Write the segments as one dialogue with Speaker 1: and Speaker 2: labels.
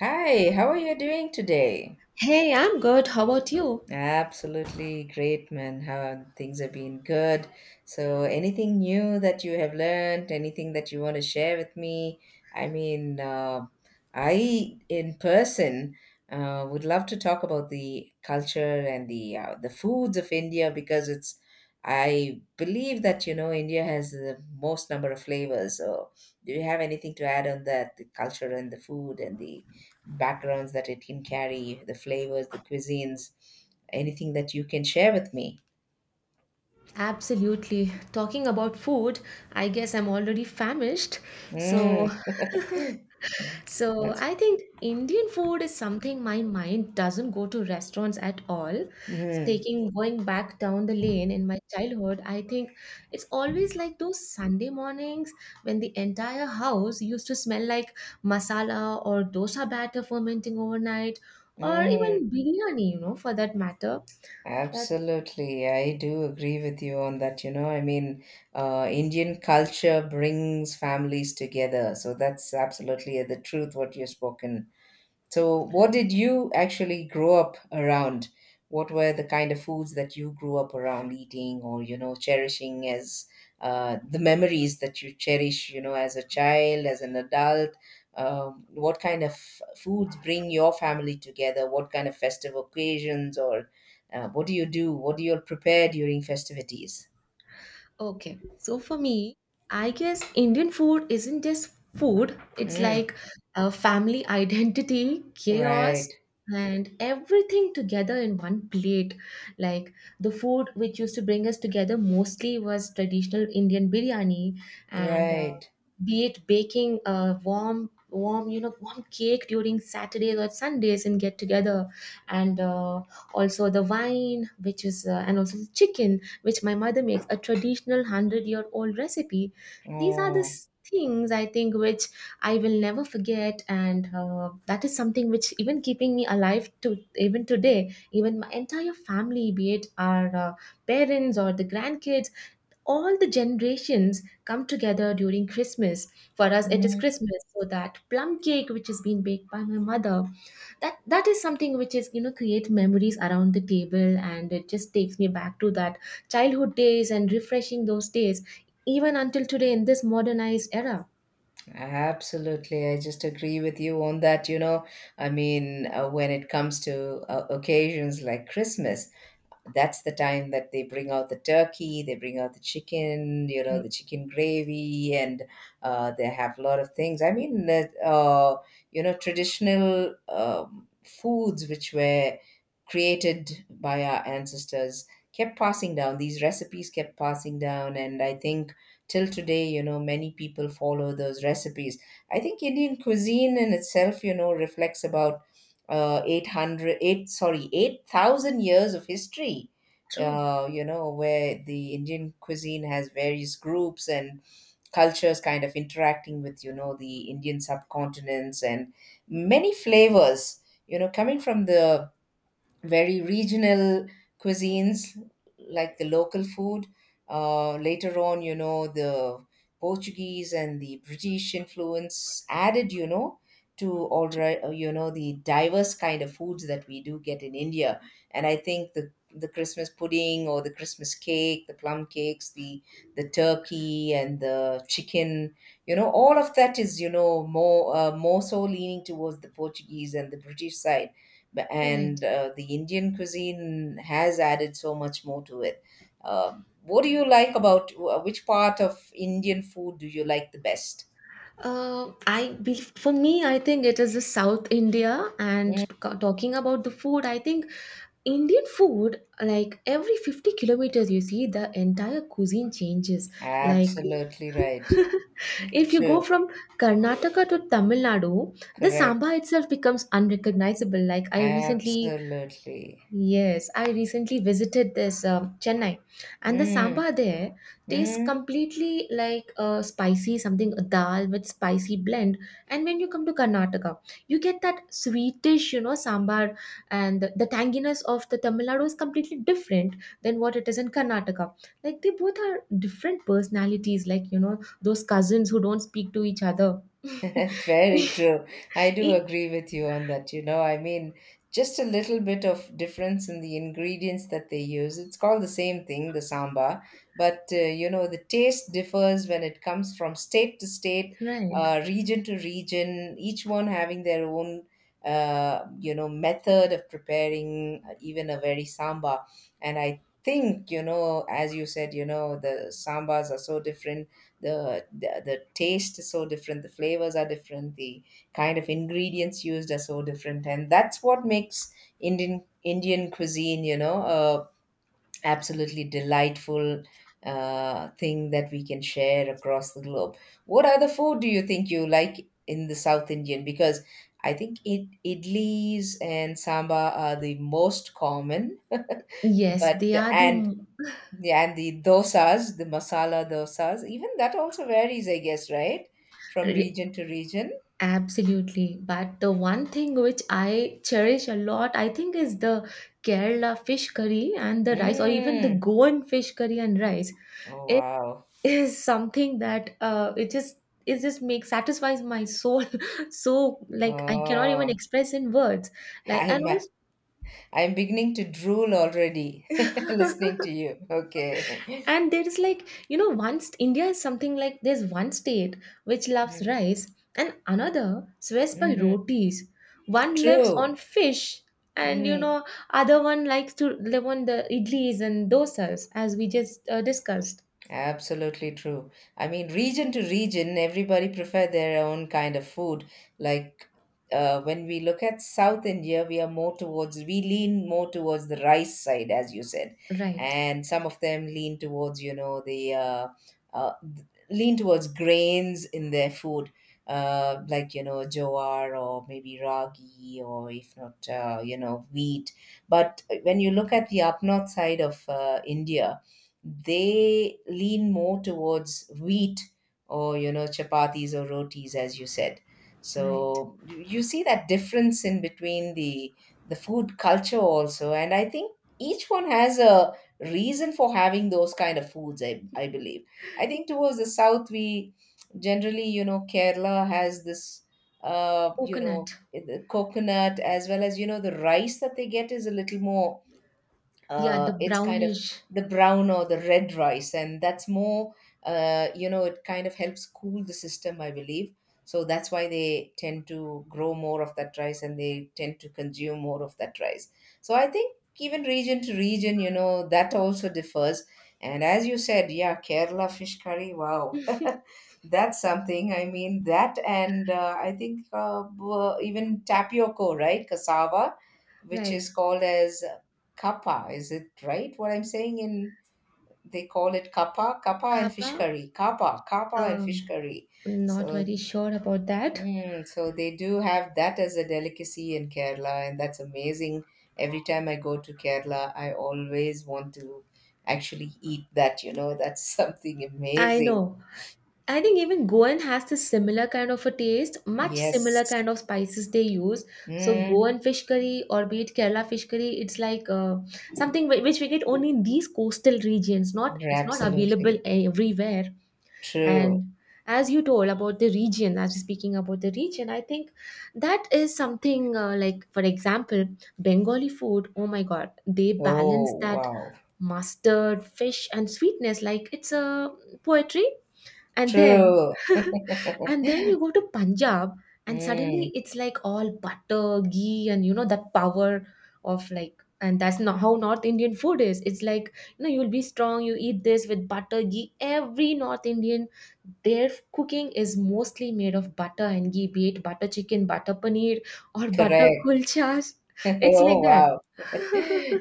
Speaker 1: Hi, how are you doing today?
Speaker 2: Hey, I'm good. How about you?
Speaker 1: Absolutely great, man. How things have been good. So, anything new that you have learned, anything that you want to share with me? I mean, I in person would love to talk about the culture and the the foods of India because it's. I believe that, you know, India has the most number of flavors. So, do you have anything to add on that? The culture and the food and the backgrounds that it can carry, the flavors, the cuisines. Anything that you can share with me?
Speaker 2: Absolutely. Talking about food, I guess I'm already famished. So,
Speaker 1: Mm.
Speaker 2: so
Speaker 1: That's.
Speaker 2: I think Indian food is something my mind doesn't go to restaurants at all.
Speaker 1: Mm.
Speaker 2: Taking going back down the lane in my childhood, I think it's always like those Sunday mornings when the entire house used to smell like masala or dosa batter fermenting overnight, or
Speaker 1: Mm.
Speaker 2: even biryani, you know, for that matter. That
Speaker 1: Absolutely. I do agree with you on that. You know, I mean, Indian culture brings families together. So that's absolutely the truth what you've spoken. So, what
Speaker 2: Right.
Speaker 1: did you actually grow up around? What were the kind of foods that you grew up around eating or, you know, cherishing as the memories that you cherish, you know, as a child, as an adult? What kind of foods bring your family together? What kind of festive occasions or what do you do? What do you prepare during festivities?
Speaker 2: Okay. So for me, I guess Indian food isn't just food, it's
Speaker 1: Mm.
Speaker 2: like a family identity,
Speaker 1: Right,
Speaker 2: chaos, and everything together in one plate. Like the food which used to bring us together mostly was traditional Indian biryani and
Speaker 1: right.
Speaker 2: be it baking a warm warm you know warm cake during Saturdays or Sundays and get together and also the wine which is and also the chicken which my mother makes, a traditional 100-year-old year old recipe. These are the
Speaker 1: Oh.
Speaker 2: things I think which I will never forget, and that is something which even keeping me alive to even today. Even my entire family, be it our parents or the grandkids, all the generations come together during Christmas. For us, it is
Speaker 1: Hmm.
Speaker 2: Christmas, so that plum cake which is being baked by my mother, that is something which, is you know, create memories around the table, and it just takes me back to that childhood days and refreshing those days, even until today in this modernized era.
Speaker 1: Absolutely. I just agree with you on that. You know, I mean, when it comes to occasions like Christmas, that's the time that they bring out the turkey, they bring out the chicken, you know,
Speaker 2: Right.
Speaker 1: the chicken gravy, and they have a lot of things. I mean, you know, traditional foods which were created by our ancestors, kept passing down. These recipes kept passing down, and I think, till today, you know, many people follow those recipes. I think Indian cuisine in itself, you know, reflects about eight hundred, eight. Sorry 8,000 years of history.
Speaker 2: True.
Speaker 1: You know, where the Indian cuisine has various groups and cultures kind of interacting with, you know, the Indian subcontinents, and many flavors, you know, coming from the very regional cuisines like the local food. Later on, you know, the Portuguese and the British influence added, you know, to all right, you know, the diverse kind of foods that we do get in India. And I think the Christmas pudding, or the Christmas cake, the plum cakes, the turkey and the chicken, you know, all of that is, you know, more more so leaning towards the Portuguese and the British side. B-
Speaker 2: Right.
Speaker 1: and The Indian cuisine has added so much more to it. What do you like about which part of Indian food do you like the best?
Speaker 2: For me, I think it is the South India and
Speaker 1: Mm.
Speaker 2: talking about the food. I think Indian food, like every 50 kilometers, you see the entire cuisine changes. Like
Speaker 1: Absolutely right.
Speaker 2: if you go
Speaker 1: True.
Speaker 2: from Karnataka to Tamil Nadu, the
Speaker 1: Correct.
Speaker 2: samba itself becomes unrecognizable. Like I recently
Speaker 1: Absolutely.
Speaker 2: Yes, I recently visited this Chennai, and the
Speaker 1: Mm.
Speaker 2: sambar there tastes
Speaker 1: Mm.
Speaker 2: completely like a spicy something, a dal with spicy blend. And when you come to Karnataka, you get that sweetish, you know, sambar, and the tanginess of the Tamil Nadu is completely different than what it is in Karnataka. Like they both are different personalities, like you know those cousins who don't speak to each other.
Speaker 1: Very true. I do
Speaker 2: E-
Speaker 1: agree with you on that. You know, I mean, just a little bit of difference in the ingredients that they use. It's called the same thing, the samba, but you know, the taste differs when it comes from state to state,
Speaker 2: right?
Speaker 1: region to region, each one having their own, you know, method of preparing even a very samba. And I think, you know, as you said, you know, the sambas are so different, the taste is so different, the flavors are different, the kind of ingredients used are so different, and that's what makes Indian cuisine, you know, a absolutely delightful thing that we can share across the globe. What other food do you think you like in the South Indian? Because I think it idlis and sambar are the most common,
Speaker 2: Yes,
Speaker 1: but,
Speaker 2: they are the.
Speaker 1: and
Speaker 2: M-
Speaker 1: yeah, and the dosas, the masala dosas, even that also varies, I guess, right? From region to region.
Speaker 2: Absolutely. But the one thing which I cherish a lot, I think, is the Kerala fish curry and the rice, or even the
Speaker 1: Mm.
Speaker 2: Goan fish curry and rice.
Speaker 1: Oh,
Speaker 2: It
Speaker 1: wow.
Speaker 2: is something that it just makes satisfies my soul. So like I cannot even
Speaker 1: Oh.
Speaker 2: express in words. Like and
Speaker 1: I'm I'm beginning to drool already,
Speaker 2: Also,
Speaker 1: listening to you. Okay.
Speaker 2: and there is like, you know, once India is something like there's one state which loves
Speaker 1: Mm.
Speaker 2: rice and another swears by
Speaker 1: Mm.
Speaker 2: rotis. One lives
Speaker 1: True.
Speaker 2: on fish and you
Speaker 1: Mm.
Speaker 2: know, other one likes to live on the idlis and dosas as we just discussed.
Speaker 1: Absolutely true. I mean, region to region, everybody prefer their own kind of food. Like when we look at South India, we are more towards, we lean more towards the rice side, as you said,
Speaker 2: Right,
Speaker 1: and some of them lean towards, you know, the lean towards grains in their food, like, you know, jowar or maybe ragi, or if not, you know, wheat. But when you look at the up north side of India, they lean more towards wheat, or, you know, chapatis or rotis, as you said.
Speaker 2: right.
Speaker 1: So you see that difference in between the food culture also. And I think each one has a reason for having those kind of foods. I believe I think towards the south, we generally, you know, Kerala has this you
Speaker 2: Coconut.
Speaker 1: know, the coconut, as well as, you know, the rice that they get is a little more
Speaker 2: Yeah, the
Speaker 1: it's kind of
Speaker 2: brownish.
Speaker 1: the brown or the red rice, and that's more you know, it kind of helps cool the system, I believe. So that's why they tend to grow more of that rice, and they tend to consume more of that rice. So I think even region to region, you know, that also differs. And as you said, yeah, Kerala fish curry, wow. That's something. I mean, that, and I think even tapioco, right, cassava, which
Speaker 2: Right.
Speaker 1: is called as Kappa. Is it right what I'm saying? In, they call it kappa, kappa and
Speaker 2: Kappa,
Speaker 1: fish curry, kappa, kappa and fish
Speaker 2: um,
Speaker 1: curry.
Speaker 2: not
Speaker 1: So,
Speaker 2: very sure about that.
Speaker 1: so they do have that as a delicacy in Kerala, and that's amazing. Every time I go to Kerala, I always want to actually eat that. You know, that's something
Speaker 2: I
Speaker 1: amazing.
Speaker 2: know. I think even Goan has this similar kind of a taste, much similar
Speaker 1: Yes.
Speaker 2: kind of spices they use. So
Speaker 1: Mm.
Speaker 2: Goan fish curry or be it Kerala fish curry, it's like something which we get only in these coastal regions. Not, it's not available
Speaker 1: Absolutely.
Speaker 2: everywhere.
Speaker 1: True.
Speaker 2: And as you told about the region, as you're speaking about the region, I think that is something like, for example, Bengali food. Oh my God, they balance
Speaker 1: Oh,
Speaker 2: that
Speaker 1: wow.
Speaker 2: mustard, fish, and sweetness like it's a poetry, and then
Speaker 1: True.
Speaker 2: and then you go to Punjab and
Speaker 1: Mm.
Speaker 2: suddenly it's like all butter ghee, and you know that power of like, and that's not how North Indian food is. It's like, you know, you'll be strong, you eat this with butter ghee. Every North Indian, their cooking is mostly made of butter and ghee, be it butter chicken, butter paneer, or butter
Speaker 1: Correct.
Speaker 2: kulchas. It's like
Speaker 1: Oh,
Speaker 2: that.
Speaker 1: wow.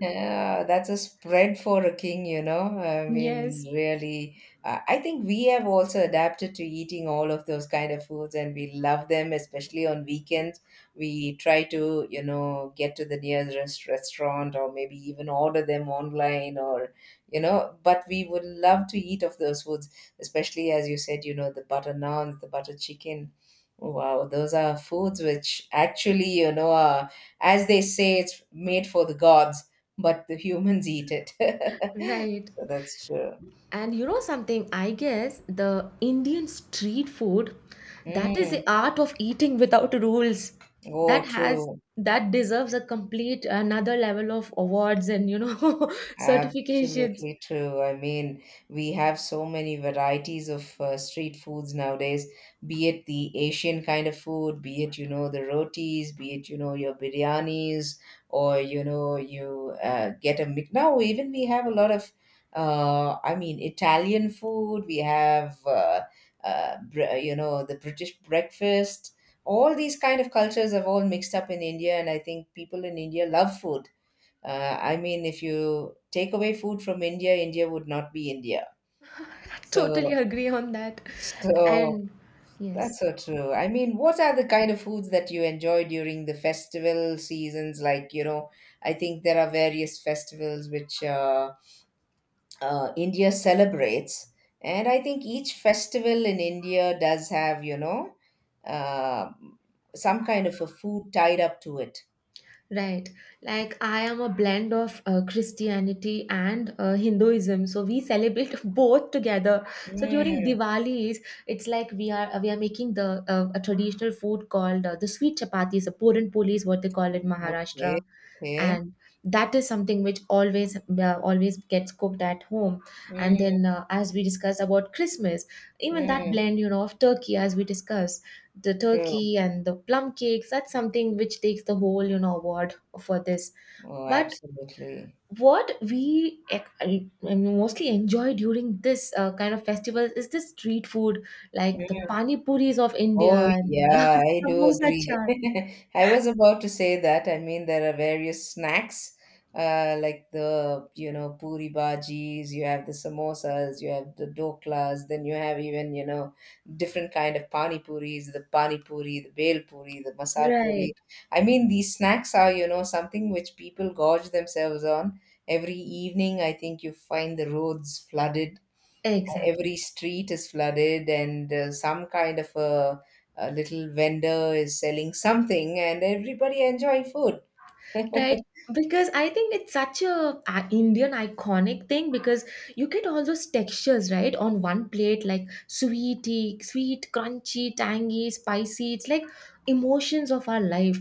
Speaker 1: Yeah, that's a spread for a king, you know. I
Speaker 2: Yes,
Speaker 1: mean, really, I think we have also adapted to eating all of those kind of foods, and we love them, especially on weekends. We try to, you know, get to the nearest restaurant, or maybe even order them online, or, you know, but we would love to eat of those foods, especially, as you said, you know, the butter naan, the butter chicken. Wow, those are foods which actually, you know, are, as they say, it's made for the gods, but the humans eat it.
Speaker 2: right.
Speaker 1: So that's true.
Speaker 2: And you know something, I guess the Indian street food, that is
Speaker 1: Mm.
Speaker 2: the art of eating without rules.
Speaker 1: Oh,
Speaker 2: That has
Speaker 1: true.
Speaker 2: that deserves a complete another level of awards and you know certifications.
Speaker 1: Absolutely true. I mean, we have so many varieties of street foods nowadays, be it the Asian kind of food, be it, you know, the rotis, be it, you know, your biryanis, or, you know, you get a mix. Now, even we have a lot of, I mean, Italian food, we have, you know, the British breakfast. All these kind of cultures have all mixed up in India, and I think people in India love food. I mean, if you take away food from India, India would not be India.
Speaker 2: I totally
Speaker 1: So,
Speaker 2: agree on that.
Speaker 1: so
Speaker 2: And yes.
Speaker 1: that's so true. I mean, what are the kind of foods that you enjoy during the festival seasons? Like, you know, I think there are various festivals which India celebrates, and I think each festival in India does have, you know, uh, some kind of a food tied up to it.
Speaker 2: Right. Like I am a blend of Christianity and Hinduism, so we celebrate both together. So during
Speaker 1: Mm.
Speaker 2: Diwali's, it's like we are making the a traditional food called the sweet chapatis, the puran poli is what they call it in
Speaker 1: Okay,
Speaker 2: Maharashtra,
Speaker 1: okay.
Speaker 2: and that is something which always gets cooked at home. And
Speaker 1: Mm.
Speaker 2: then as we discussed about Christmas, even that
Speaker 1: Mm.
Speaker 2: blend, you know, of turkey as we discussed, the
Speaker 1: True.
Speaker 2: turkey and the plum cakes, that's something which takes the whole, you know, award for this.
Speaker 1: Oh,
Speaker 2: But
Speaker 1: absolutely.
Speaker 2: what we I mean, mostly enjoy during this kind of festival is the street food like the
Speaker 1: Mm.
Speaker 2: pani puris of India
Speaker 1: Oh,
Speaker 2: and the
Speaker 1: yeah, I do
Speaker 2: samosa
Speaker 1: agree.
Speaker 2: chaat,
Speaker 1: I was about to say that. I mean, there are various snacks, like, the, you know, puri bhajis, you have the samosas, you have the doklas, then you have even, you know, different kind of pani puris, the pani puri, the bhel puri, the masal puri.
Speaker 2: right?
Speaker 1: I mean, these snacks are, you know, something which people gorge themselves on. Every evening, I think you find the roads flooded,
Speaker 2: Exactly.
Speaker 1: every street is flooded, and some kind of a, little vendor is selling something and everybody enjoy food.
Speaker 2: Right. Because I think it's such a, Indian iconic thing, because you get all those textures right on one plate, like sweety, sweet, crunchy, tangy, spicy. It's like emotions of our life.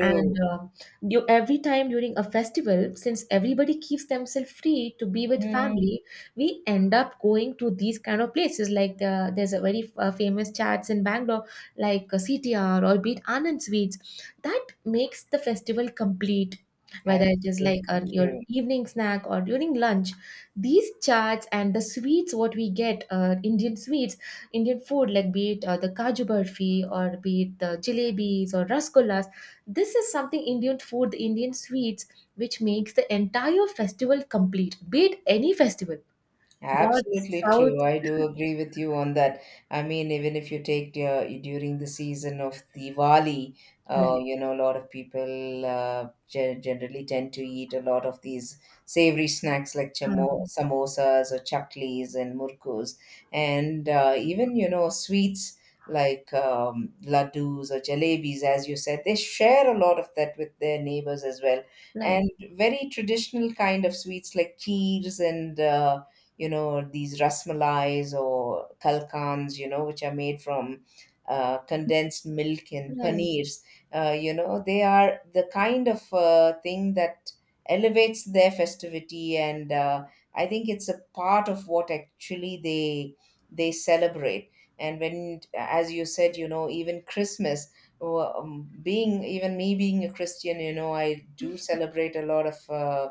Speaker 2: And uh, every time during a festival, since everybody keeps themselves free to be with
Speaker 1: Mhm.
Speaker 2: family, we end up going to these kind of places. There's a very famous chats in Bangalore, like CTR or Beat Anand Sweets. That makes the festival complete, whether it is like
Speaker 1: Absolutely
Speaker 2: your
Speaker 1: true.
Speaker 2: evening snack or during lunch. These chats and the sweets what we get, Indian sweets, Indian food, like be it the kaju barfi, or be it the jalebis or rasgullas, this is something, Indian food, the Indian sweets, which makes the entire festival complete, be it any festival, north,
Speaker 1: Absolutely
Speaker 2: south.
Speaker 1: true. I do agree with you on that. I mean, even if you take during the season of Diwali,
Speaker 2: Right.
Speaker 1: you know, a lot of people generally tend to eat a lot of these savory snacks like
Speaker 2: Huh.
Speaker 1: samosas or chaklis and murkus, and even, you know, sweets like laddus or jalebis, as you said. They share a lot of that with their neighbors as well.
Speaker 2: Right.
Speaker 1: And very traditional kind of sweets like kheers and you know, these rasmalais or kalkans, you know, which are made from condensed milk and
Speaker 2: Right.
Speaker 1: paneers. You know, they are the kind of thing that elevates their festivity, and I think it's a part of what actually they celebrate. And when, as you said, you know, even Christmas, being, even me being a Christian, you know, I do celebrate a lot of. Uh,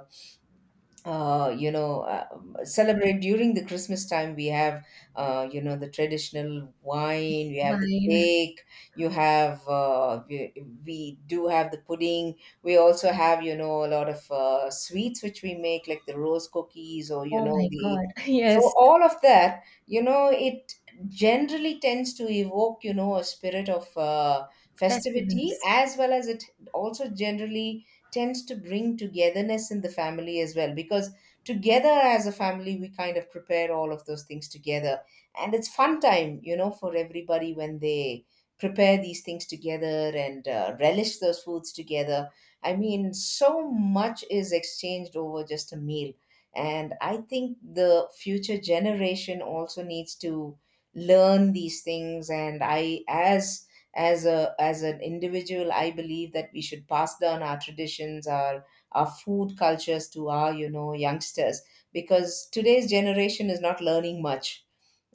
Speaker 1: uh, You know, celebrate during the Christmas time. We have, you know, the traditional wine, we have the
Speaker 2: Wine.
Speaker 1: cake, you have, we do have the pudding. We also have, you know, a lot of sweets which we make, like the rose cookies, or, you
Speaker 2: Oh
Speaker 1: know,
Speaker 2: my
Speaker 1: the.
Speaker 2: God.
Speaker 1: So
Speaker 2: Yes.
Speaker 1: all of that, you know, it generally tends to evoke, you know, a spirit of festivity,
Speaker 2: Festivals.
Speaker 1: as well as it also generally tends to bring togetherness in the family as well, because together as a family we kind of prepare all of those things together, and it's fun time, you know, for everybody when they prepare these things together, and relish those foods together. I mean, so much is exchanged over just a meal, and I think the future generation also needs to learn these things. And I, as a as an individual, I believe that we should pass down our traditions, our food cultures to our, you know, youngsters, because today's generation is not learning much.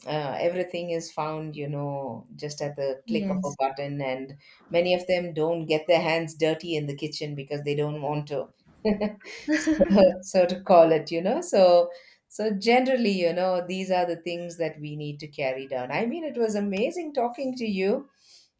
Speaker 1: Everything is found, you know, just at the click of a
Speaker 2: Yes.
Speaker 1: button, and many of them don't get their hands dirty in the kitchen because they don't want to. So, so to call it you know so so generally, you know, these are the things that we need to carry down. I mean, it was amazing talking to you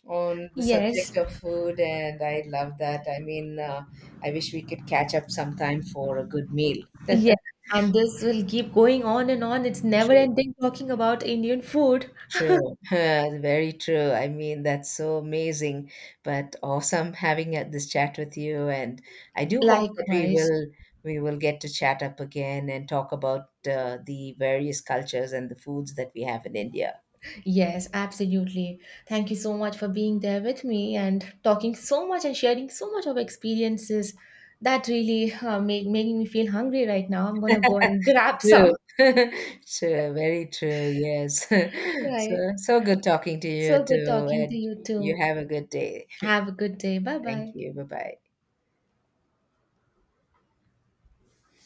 Speaker 1: on the subject
Speaker 2: Yes.
Speaker 1: of food, and I love that. I mean, I wish we could catch up sometime for a good meal.
Speaker 2: Yes, and this will keep going on and on. It's never
Speaker 1: True,
Speaker 2: ending talking about Indian food.
Speaker 1: true. Very true. I mean, that's so amazing, but awesome having this chat with you. And I do hope that we
Speaker 2: Likewise.
Speaker 1: will we will get to chat up again and talk about the various cultures and the foods that we have in India.
Speaker 2: Yes, absolutely. Thank you so much for being there with me and talking so much and sharing so much of experiences. That really made making me feel hungry right now. I'm gonna go and grab
Speaker 1: True.
Speaker 2: some.
Speaker 1: True, very true, yes. So
Speaker 2: Right.
Speaker 1: good talking to you
Speaker 2: So good
Speaker 1: too,
Speaker 2: talking to
Speaker 1: and
Speaker 2: you
Speaker 1: you
Speaker 2: too.
Speaker 1: have a good day.
Speaker 2: Have a good day. Bye
Speaker 1: Thank
Speaker 2: bye.
Speaker 1: you. Bye-bye.